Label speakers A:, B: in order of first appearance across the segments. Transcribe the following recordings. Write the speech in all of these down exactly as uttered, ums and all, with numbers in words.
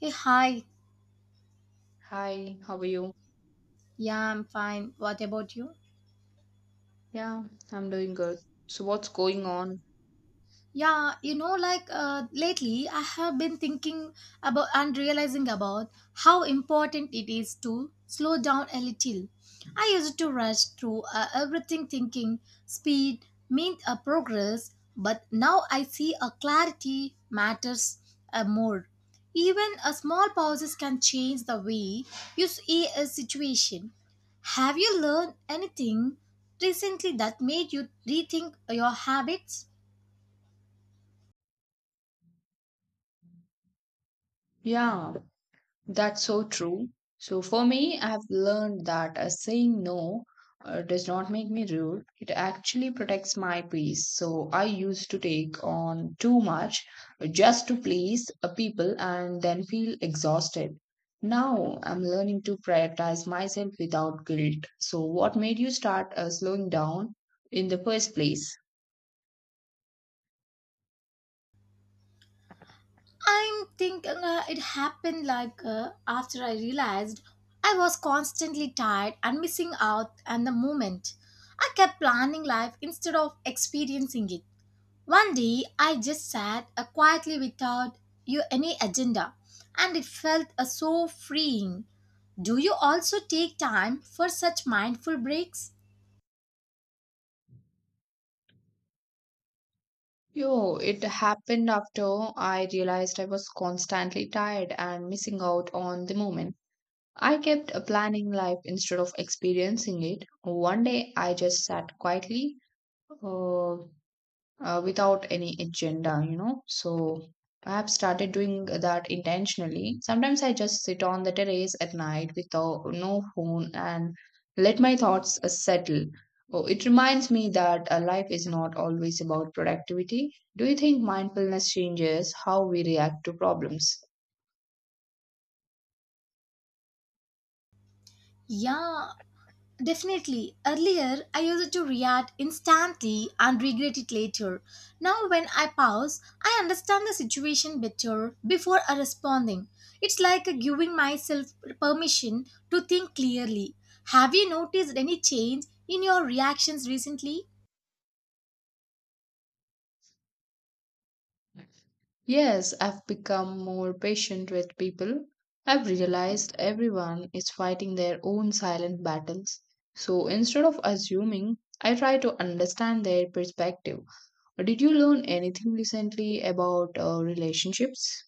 A: Hey, hi.
B: Hi, how are you?
A: Yeah, I'm fine. What about you?
B: Yeah, I'm doing good. So, what's going on?
A: Yeah, you know, like uh, lately, I have been thinking about and realizing about how important it is to slow down a little. I used to rush through uh, everything thinking speed meant a progress, but now I see a clarity matters uh, more. Even a small pauses can change the way you see a situation. Have you learned anything recently that made you rethink your habits?
B: Yeah, that's so true. So, for me, I've learned that uh, saying no uh, does not make me rude. It actually protects my peace. So, I used to take on too much just to please uh, people and then feel exhausted. Now, I'm learning to prioritize myself without guilt. So, what made you start uh, slowing down in the first place?
A: I'm thinking uh, it happened like uh, after I realized I was constantly tired and missing out on the moment. I kept planning life instead of experiencing it. One day I just sat uh, quietly without you any agenda, and it felt uh, so freeing. Do you also take time for such mindful breaks?
B: Yo, it happened after I realized I was constantly tired and missing out on the moment. I kept uh, planning life instead of experiencing it. One day I just sat quietly, uh, uh, without any agenda, you know. So I have started doing that intentionally. Sometimes I just sit on the terrace at night without no phone and let my thoughts uh, settle. Oh, it reminds me that uh, life is not always about productivity. Do you think mindfulness changes how we react to problems?
A: Yeah, definitely. Earlier, I used to react instantly and regret it later. Now, when I pause, I understand the situation better before I responding. It's like giving myself permission to think clearly. Have you noticed any change in your reactions recently?
B: Yes, I've become more patient with people. I've realized everyone is fighting their own silent battles. So instead of assuming, I try to understand their perspective. Did you learn anything recently about uh, relationships?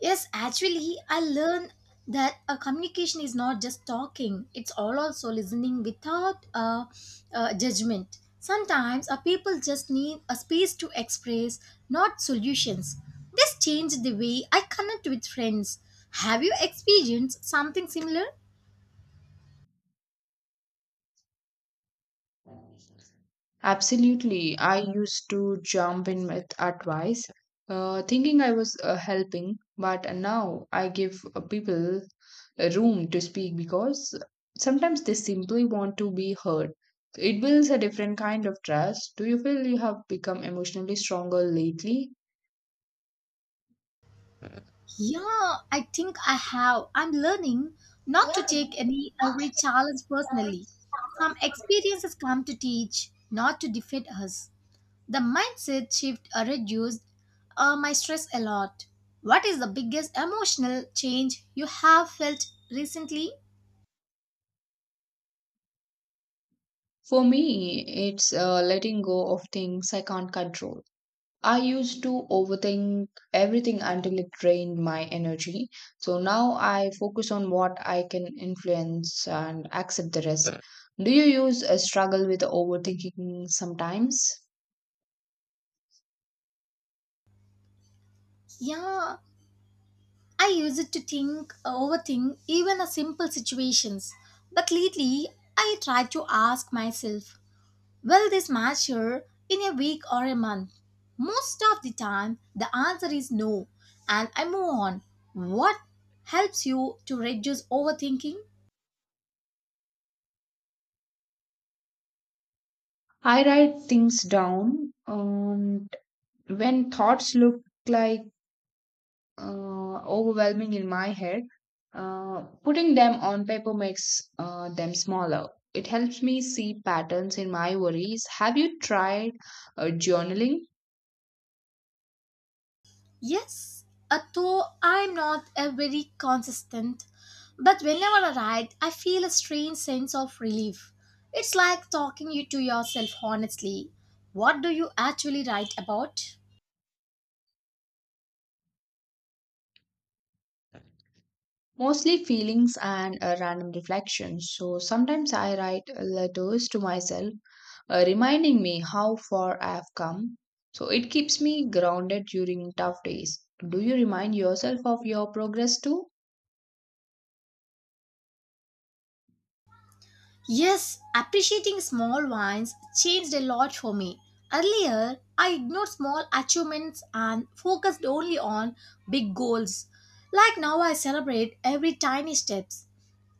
A: Yes, actually, I learned that a communication is not just talking; it's all also listening without uh, uh, judgment. Sometimes a people just need a space to express, not solutions. This changed the way I connect with friends. Have you experienced something similar?
B: Absolutely. I used to jump in with advice, uh, thinking I was uh, helping, but now I give uh, people a room to speak because sometimes they simply want to be heard. It builds a different kind of trust. Do you feel you have become emotionally stronger lately?
A: Yeah, I think I have. I'm learning not to take any every challenge personally. Some experiences come to teach, not to defeat us. The mindset shift uh, reduced uh, my stress a lot. What is the biggest emotional change you have felt recently?
B: For me, it's uh, letting go of things I can't control. I used to overthink everything until it drained my energy. So now I focus on what I can influence and accept the rest. Do you use a struggle with overthinking sometimes?
A: Yeah, I used it to think, uh, overthink even a simple situations. But lately, I try to ask myself, will this matter in a week or a month? Most of the time, the answer is no, and I move on. What helps you to reduce overthinking?
B: I write things down, and when thoughts look like uh, overwhelming in my head, uh, putting them on paper makes uh, them smaller. It helps me see patterns in my worries. Have you tried uh, journaling?
A: Yes, uh, though I'm not a very consistent, but whenever I ride, I feel a strange sense of relief. It's like talking you to yourself honestly. What do you actually write about?
B: Mostly feelings and uh, random reflections. So sometimes I write letters to myself, uh, reminding me how far I have come. So it keeps me grounded during tough days. Do you remind yourself of your progress too?
A: Yes, appreciating small wins changed a lot for me. Earlier, I ignored small achievements and focused only on big goals. Like now, I celebrate every tiny steps,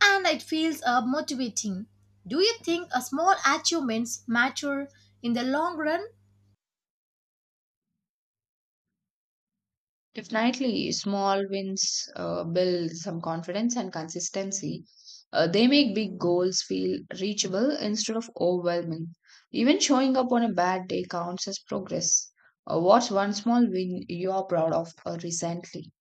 A: and it feels uh, motivating. Do you think a small achievements matter in the long run?
B: Definitely, small wins uh, build some confidence and consistency. Uh, they make big goals feel reachable instead of overwhelming. Even showing up on a bad day counts as progress. Uh, what's one small win you are proud of uh, recently?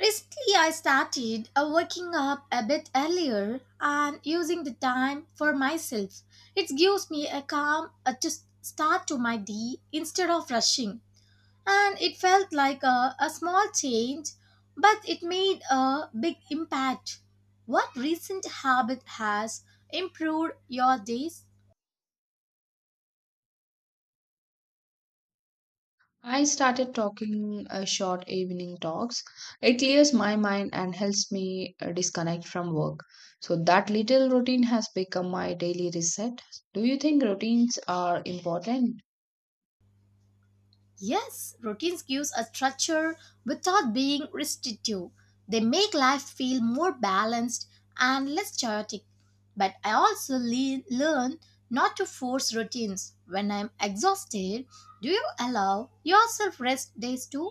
A: Recently, I started uh, waking up a bit earlier and using the time for myself. It gives me a calm uh, to s- start to my day instead of rushing. And it felt like a, a small change, but it made a big impact. What recent habit has improved your days?
B: I started talking uh, short evening talks. It clears my mind and helps me uh, disconnect from work. So, that little routine has become my daily reset. Do you think routines are important?
A: Yes, routines gives a structure without being restrictive. They make life feel more balanced and less chaotic. But I also le- learn not to force routines. When I'm exhausted, do you allow yourself rest days too?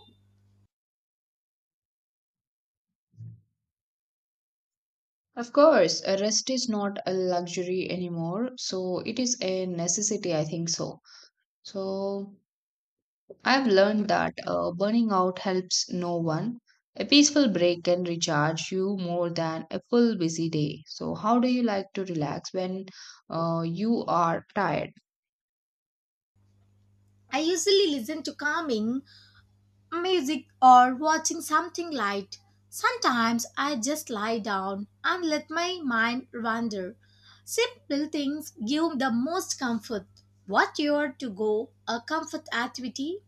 B: Of course, a rest is not a luxury anymore, so it is a necessity, I think so. So, I've learned that uh, burning out helps no one. A peaceful break can recharge you more than a full busy day. So, how do you like to relax when uh, you are tired?
A: I usually listen to calming music or watching something light. Sometimes I just lie down and let my mind wander. Simple things give the most comfort. What your to go a comfort activity?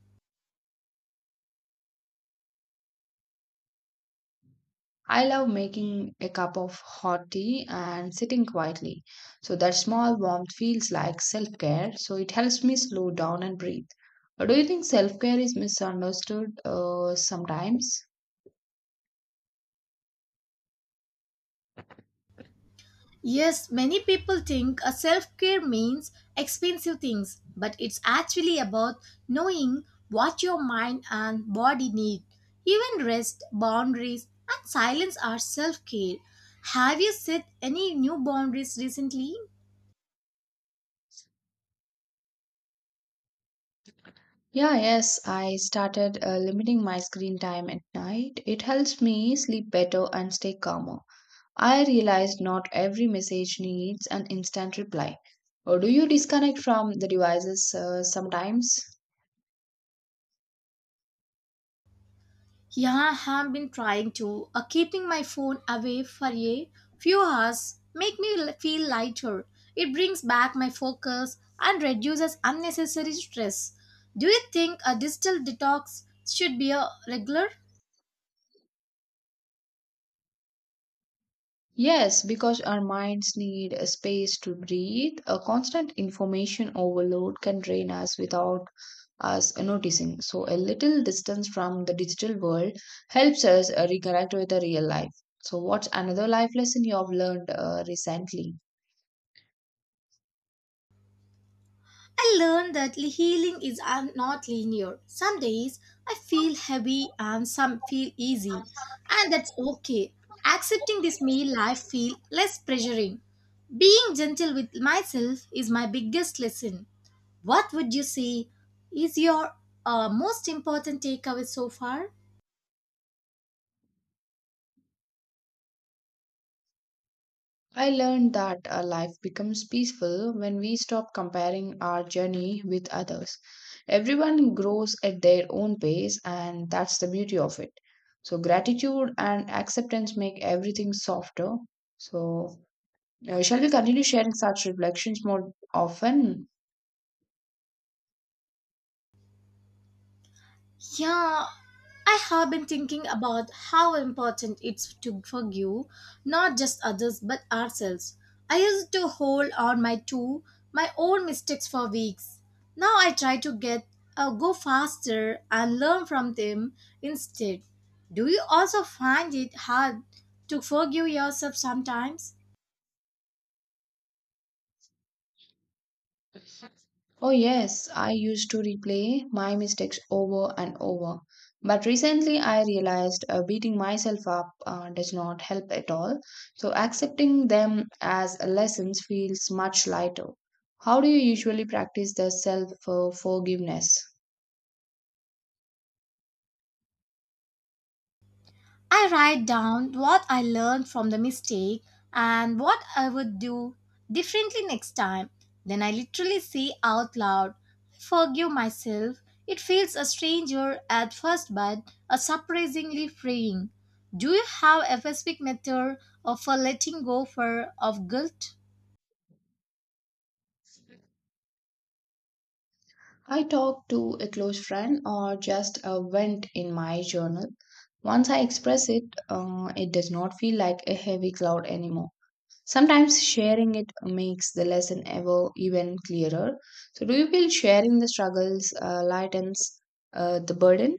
B: I love making a cup of hot tea and sitting quietly. So that small warmth feels like self care. So it helps me slow down and breathe. Uh, Do you think self care is misunderstood uh, sometimes?
A: Yes, many people think a self-care means expensive things, but it's actually about knowing what your mind and body need. Even rest, boundaries, and silence are self-care. Have you set any new boundaries recently?
B: Yeah, yes, I started uh, limiting my screen time at night. It helps me sleep better and stay calmer. I realized not every message needs an instant reply. Or do you disconnect from the devices uh, sometimes?
A: Yeah, I have been trying to. Uh, keeping my phone away for a few hours make me l- feel lighter. It brings back my focus and reduces unnecessary stress. Do you think a digital detox should be a regular?
B: Yes, because our minds need a space to breathe. A constant information overload can drain us without us noticing. So, a little distance from the digital world helps us uh, reconnect with the real life. So, what's another life lesson you have learned uh, recently?
A: I learned that li- healing is uh, not linear. Some days I feel heavy and some feel easy, and that's okay. Accepting this made life feel less pressuring. Being gentle with myself is my biggest lesson. What would you say is your uh, most important takeaway so far?
B: I learned that our life becomes peaceful when we stop comparing our journey with others. Everyone grows at their own pace, and that's the beauty of it. So, gratitude and acceptance make everything softer. So, uh, shall we continue sharing such reflections more often?
A: Yeah, I have been thinking about how important it's to forgive not just others but ourselves. I used to hold on my to my own mistakes for weeks. Now I try to get uh, go faster and learn from them instead. Do you also find it hard to forgive yourself sometimes?
B: Oh, yes, I used to replay my mistakes over and over. But recently I realized uh, beating myself up uh, does not help at all. So accepting them as lessons feels much lighter. How do you usually practice the self uh, forgiveness?
A: I write down what I learned from the mistake and what I would do differently next time. Then I literally say out loud, I forgive myself. It feels a stranger at first, but a surprisingly freeing. Do you have a specific method of for letting go for of guilt?
B: I talk to a close friend or just uh, vent in my journal. Once I express it, uh, it does not feel like a heavy cloud anymore. Sometimes sharing it makes the lesson ever even clearer. So, do you feel sharing the struggles uh, lightens uh, the burden?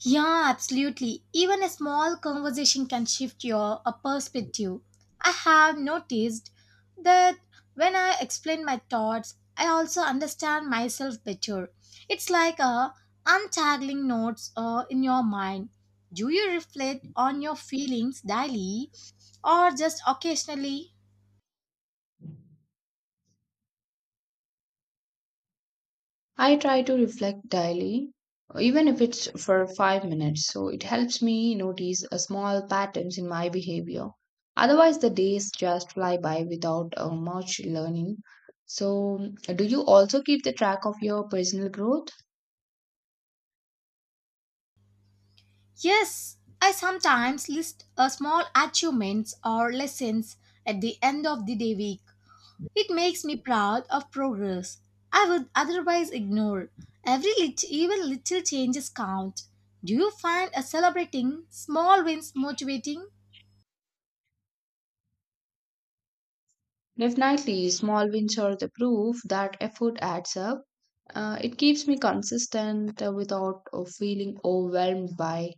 A: Yeah, absolutely. Even a small conversation can shift your uh, perspective. I have noticed that when I explain my thoughts, I also understand myself better. It's like a untangling notes uh, in your mind. Do you reflect on your feelings daily or just occasionally?
B: I try to reflect daily, even if it's for five minutes. So, it helps me notice a small patterns in my behavior. Otherwise, the days just fly by without uh, much learning. So, do you also keep the track of your personal growth?
A: Yes, I sometimes list a small achievements or lessons at the end of the day week. It makes me proud of progress I would otherwise ignore. Every lit- even little changes count. Do you find a celebrating small wins motivating?
B: Definitely, small wins are the proof that effort adds up. Uh, it keeps me consistent uh, without uh, feeling overwhelmed by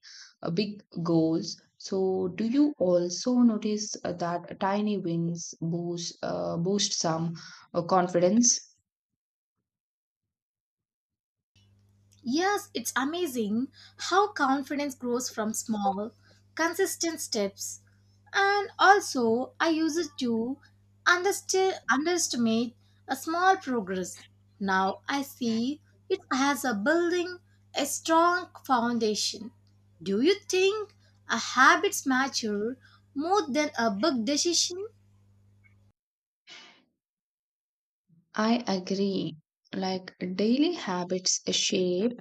B: uh, big goals. So, do you also notice uh, that tiny wins boost uh, boost some uh, confidence?
A: Yes, it's amazing how confidence grows from small, consistent steps. And also, I use it to underst- underestimate a small progress. Now I see it as a building a strong foundation. Do you think a habits mature more than a big decision?
B: I agree. Like daily habits shape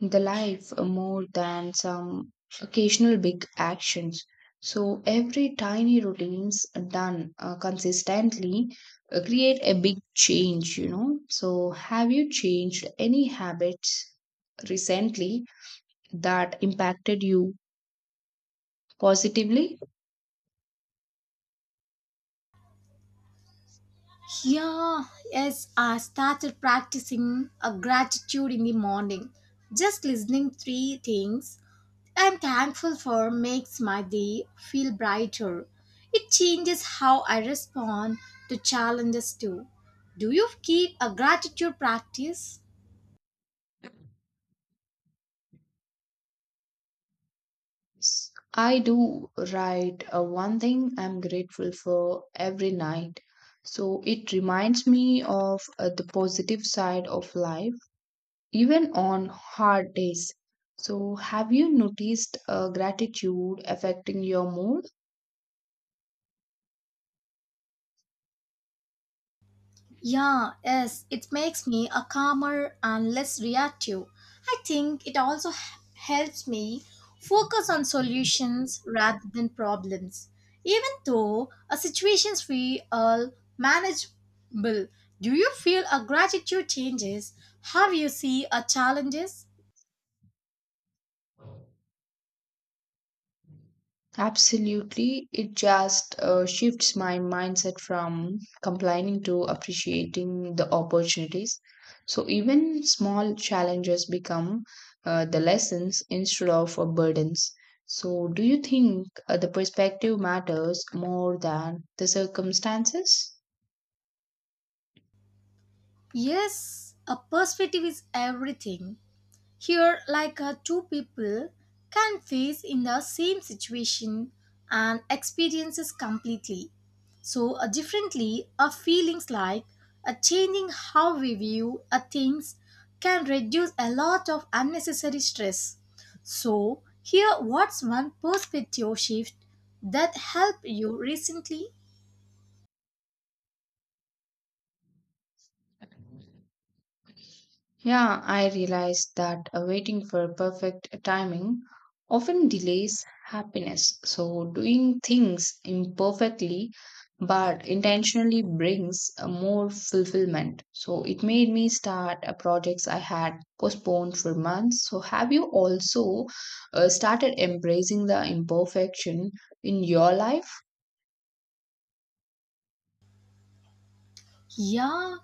B: the life uh, more than some occasional big actions. So every tiny routines done uh, consistently uh, create a big change, you know. So have you changed any habits recently that impacted you positively?
A: Yeah, yes, I started practicing a gratitude in the morning. Just listening three things I'm thankful for makes my day feel brighter. It changes how I respond to challenges too. Do you keep a gratitude practice?
B: S- I do write uh, one thing I'm grateful for every night. So it reminds me of uh, the positive side of life even on hard days. So, have you noticed uh, gratitude affecting your mood?
A: Yeah, yes, it makes me a calmer and less reactive. I think it also h- helps me focus on solutions rather than problems. Even though a situations feel all manageable, do you feel a gratitude changes how you see a challenges?
B: Absolutely. It just uh, shifts my mindset from complaining to appreciating the opportunities. So, even small challenges become uh, the lessons instead of uh, burdens. So, do you think uh, the perspective matters more than the circumstances?
A: Yes, a perspective is everything. Here, like uh, two people can face in the same situation and experiences completely. So, uh, differently, uh, feelings like uh, changing how we view uh, things can reduce a lot of unnecessary stress. So, here, what's one perspective shift that helped you recently?
B: Yeah, I realized that uh, waiting for perfect timing often delays happiness. So, doing things imperfectly but intentionally brings uh, more fulfillment. So, it made me start uh, projects I had postponed for months. So, have you also uh, started embracing the imperfection in your life?
A: Yeah,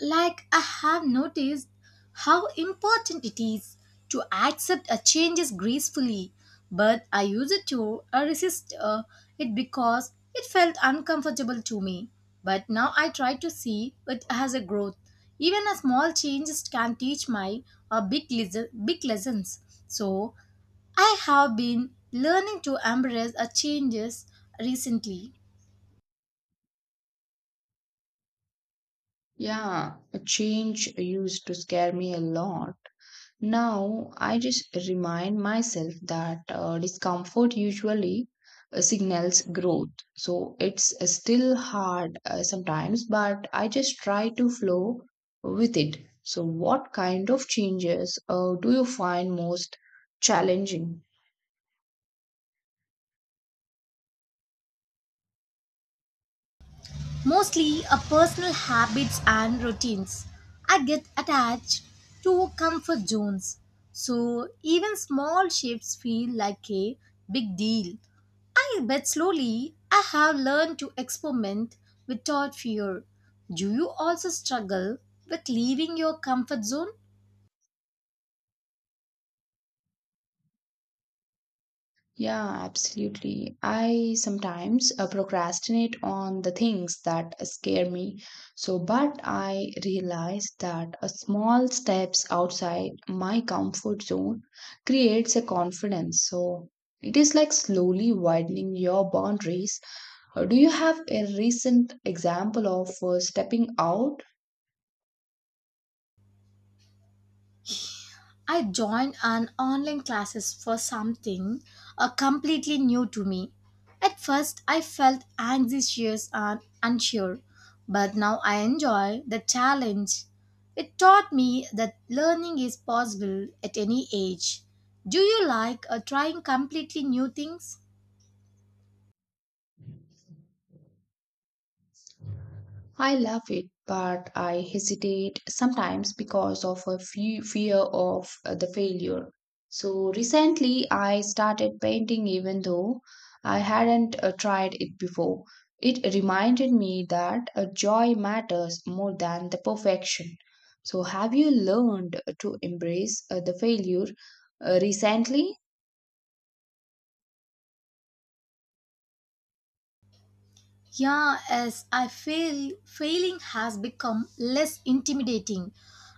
A: like, I have noticed how important it is to accept a changes gracefully, but I used to uh, resist uh, it because it felt uncomfortable to me. But now I try to see it as a growth. Even a small changes can teach my uh, big, les- big lessons. So, I have been learning to embrace a changes recently.
B: Yeah, a change used to scare me a lot. Now I just remind myself that uh, discomfort usually uh, signals growth. So it's uh, still hard uh, sometimes, but I just try to flow with it. So, what kind of changes uh, do you find most challenging?
A: Mostly a personal habits and routines. I get attached to comfort zones. So even small shifts feel like a big deal. I bet slowly I have learned to experiment without fear. Do you also struggle with leaving your comfort zone?
B: Yeah, absolutely. I sometimes uh, procrastinate on the things that scare me. So, but I realize that a small steps outside my comfort zone creates a confidence. So, it is like slowly widening your boundaries. Uh, Do you have a recent example of uh, stepping out.
A: I joined an online classes for something uh, completely new to me. At first, I felt anxious and unsure, but now I enjoy the challenge. It taught me that learning is possible at any age. Do you like uh, trying completely new things?
B: I love it, but I hesitate sometimes because of a fe- fear of uh, the failure. So recently, I started painting even though I hadn't uh, tried it before. It reminded me that uh, joy matters more than the perfection. So, have you learned to embrace uh, the failure uh, recently?
A: Yeah, as I feel failing has become less intimidating.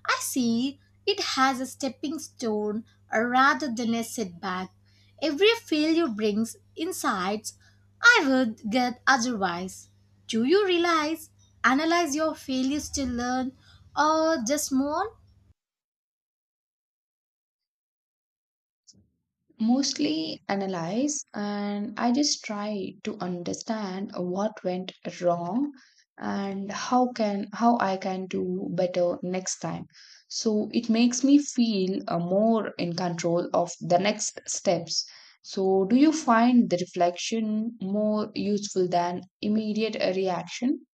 A: I see it as a stepping stone uh, rather than a setback. Every failure brings insights I would get otherwise. Do you realize, analyze your failures to learn or just move on?
B: Mostly analyze, and I just try to understand what went wrong and how can how I can do better next time. So it makes me feel uh, more in control of the next steps. So do you find the reflection more useful than immediate uh, reaction?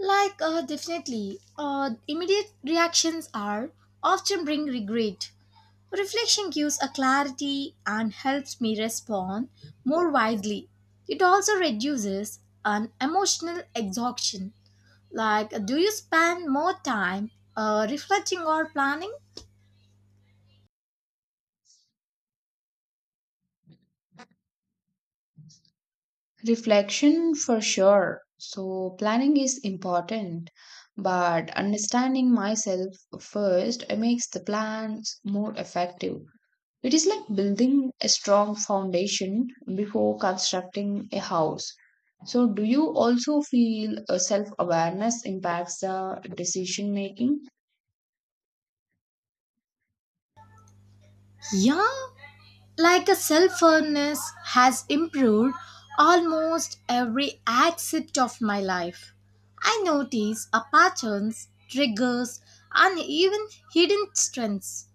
A: Like, uh, definitely, uh, immediate reactions are often bring regret. Reflection gives a clarity and helps me respond more widely. It also reduces an emotional exhaustion. Like, do you spend more time uh, reflecting or planning?
B: Reflection for sure. So, planning is important, but understanding myself first makes the plans more effective. It is like building a strong foundation before constructing a house. So, do you also feel self awareness impacts the decision making?
A: Yeah, like a self-awareness has improved almost every aspect of my life. I notice a patterns, triggers, and even hidden strengths.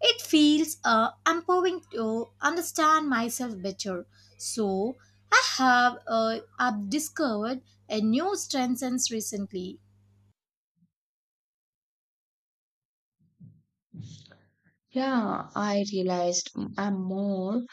A: It feels uh, empowering to understand myself better. So I have uh, I've discovered a new strength since recently.
B: Yeah, I realized I'm more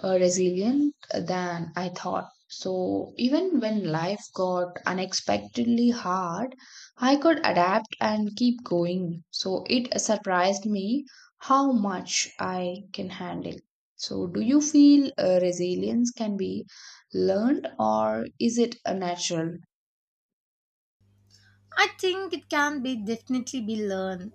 B: uh, resilient than I thought. So even when life got unexpectedly hard, I could adapt and keep going. So it surprised me how much I can handle. So do you feel uh, resilience can be learned or is it a natural?
A: I think it can be definitely be learned.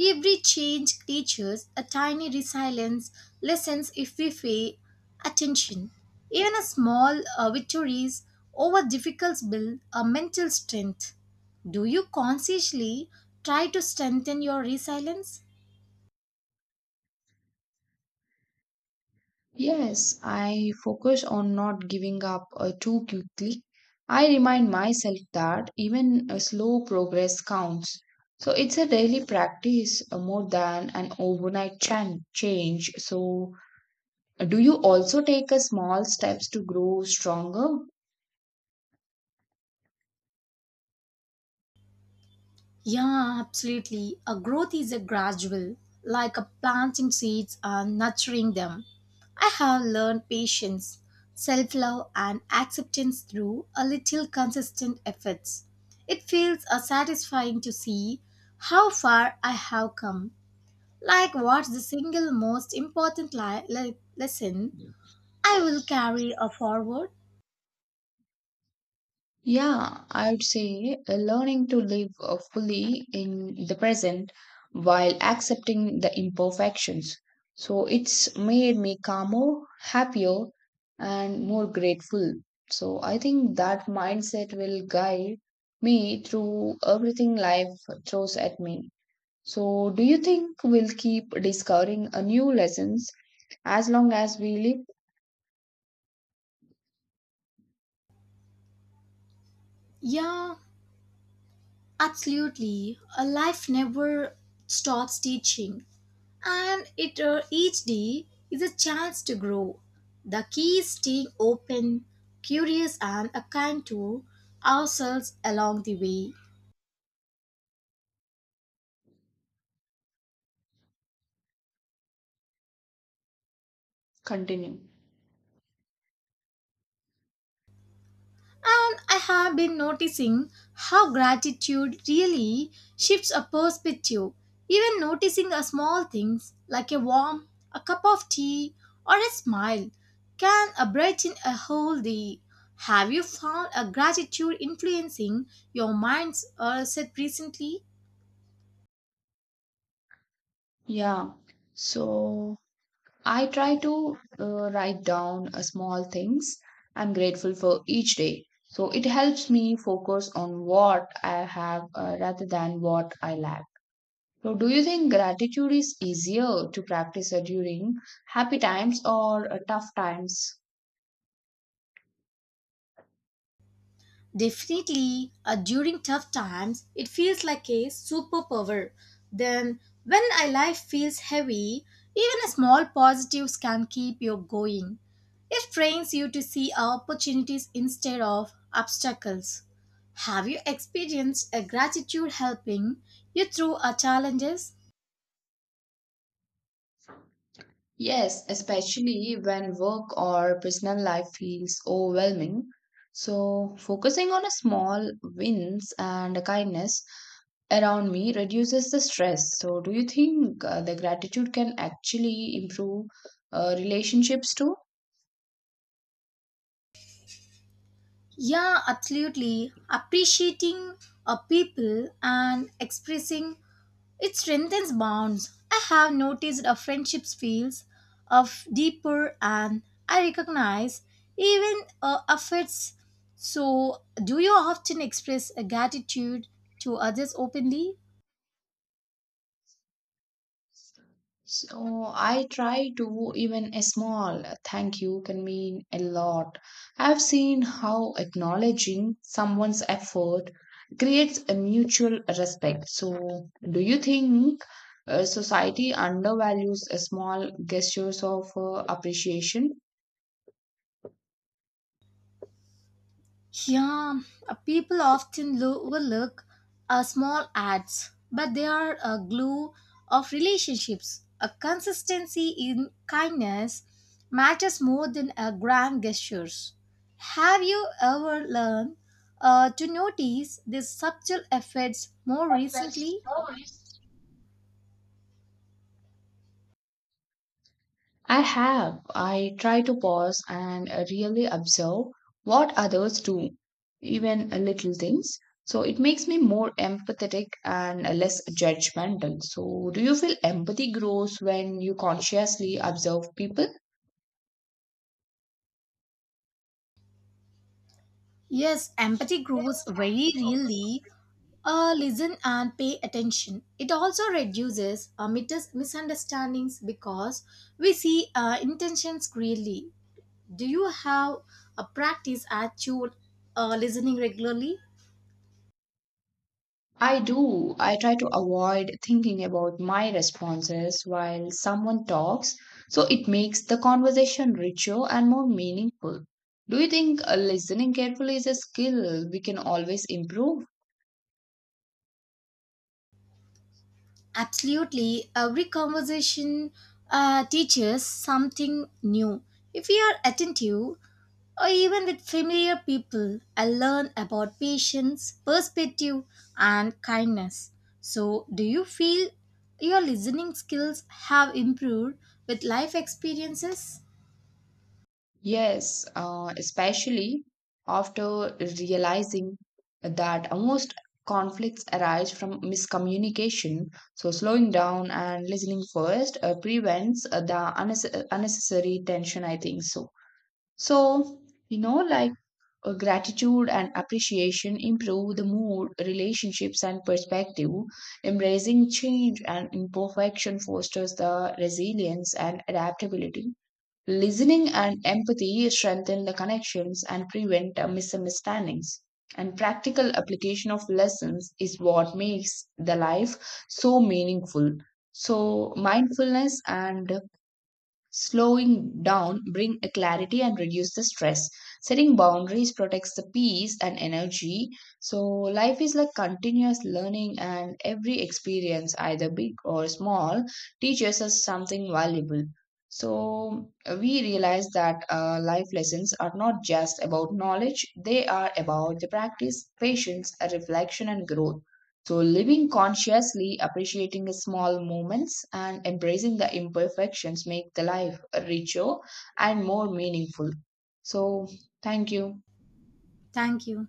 A: Every change teaches a tiny resilience lessons if we pay attention. Even a small uh, victories over difficult build a mental strength. Do you consciously try to strengthen your resilience?
B: Yes, I focus on not giving up uh, too quickly. I remind myself that even a slow progress counts. So it's a daily practice uh, more than an overnight chan- change. So, uh, do you also take a small steps to grow stronger?
A: Yeah, absolutely. A growth is a gradual, like a planting seeds and nurturing them. I have learned patience, self-love and acceptance through a little consistent efforts. It feels uh, satisfying to see how far I have come. Like what's the single most important li- le- lesson I will carry uh, forward?
B: Yeah, I would say uh, learning to live uh, fully in the present while accepting the imperfections. So it's made me calmer, happier, and more grateful. So I think that mindset will guide me through everything life throws at me. So do you think we'll keep discovering a new lessons as long as we live?
A: Yeah, absolutely. A life never stops teaching, and it uh, each day is a chance to grow. The key is staying open, curious, and a kind to ourselves along the way.
B: Continue.
A: And I have been noticing how gratitude really shifts a perspective. Even noticing a small things like a warm, a cup of tea, or a smile can uh, brighten a whole day. Have you found a gratitude influencing your mind's uh, set recently?
B: Yeah. So I try to uh, write down uh, small things I'm grateful for each day. So it helps me focus on what I have uh, rather than what I lack. So, do you think gratitude is easier to practice uh, during happy times or uh, tough times?
A: Definitely, uh, during tough times, it feels like a superpower. Then, when our life feels heavy, even a small positives can keep you going. It trains you to see opportunities instead of obstacles. Have you experienced a gratitude helping you through our challenges?
B: Yes, especially when work or personal life feels overwhelming. So, focusing on a small wins and kindness around me reduces the stress. So, do you think uh, the gratitude can actually improve uh, relationships too?
A: Yeah, absolutely. Appreciating a people and expressing it strengthens bonds. I have noticed a friendships feels of deeper and I recognize even uh, affects. So, do you often express a gratitude to others openly?
B: So I try to, even a small thank you can mean a lot. I've seen how acknowledging someone's effort creates a mutual respect. So, do you think uh, society undervalues a small gestures of uh, appreciation?
A: Yeah, uh, people often lo- overlook uh, small ads, but they are a glue of relationships. A consistency in kindness matters more than a grand gestures. Have you ever learned uh, to notice these subtle effects more recently?
B: I have. I try to pause and uh, really observe what others do, even uh, little things. So it makes me more empathetic and uh, less judgmental. So, do you feel empathy grows when you consciously observe people?
A: Yes, empathy grows very really. Uh, listen and pay attention. It also reduces uh, mitis- misunderstandings because we see uh, intentions clearly. Do you have a practice at your uh, listening regularly?
B: I do. I try to avoid thinking about my responses while someone talks, so it makes the conversation richer and more meaningful. Do you think uh, listening carefully is a skill we can always improve?
A: Absolutely. Every conversation uh, teaches something new. If we are attentive, or even with familiar people, I learn about patience, perspective, and kindness. So, do you feel your listening skills have improved with life experiences?
B: Yes, uh, especially after realizing that most conflicts arise from miscommunication. So, slowing down and listening first uh, prevents uh, the unnecess- unnecessary tension, I think so. So, you know, like uh, gratitude and appreciation improve the mood, relationships, and perspective. Embracing change and imperfection fosters the resilience and adaptability. Listening and empathy strengthen the connections and prevent uh, misunderstandings. And practical application of lessons is what makes the life so meaningful. So, mindfulness and slowing down bring a clarity and reduce the stress, setting boundaries protects the peace and energy. So life is like continuous learning, and every experience, either big or small, teaches us something valuable. So we realize that uh, life lessons are not just about knowledge, they are about the practice, patience, reflection, and growth. So, living consciously, appreciating the small moments, and embracing the imperfections make the life richer and more meaningful. So, thank you.
A: Thank you.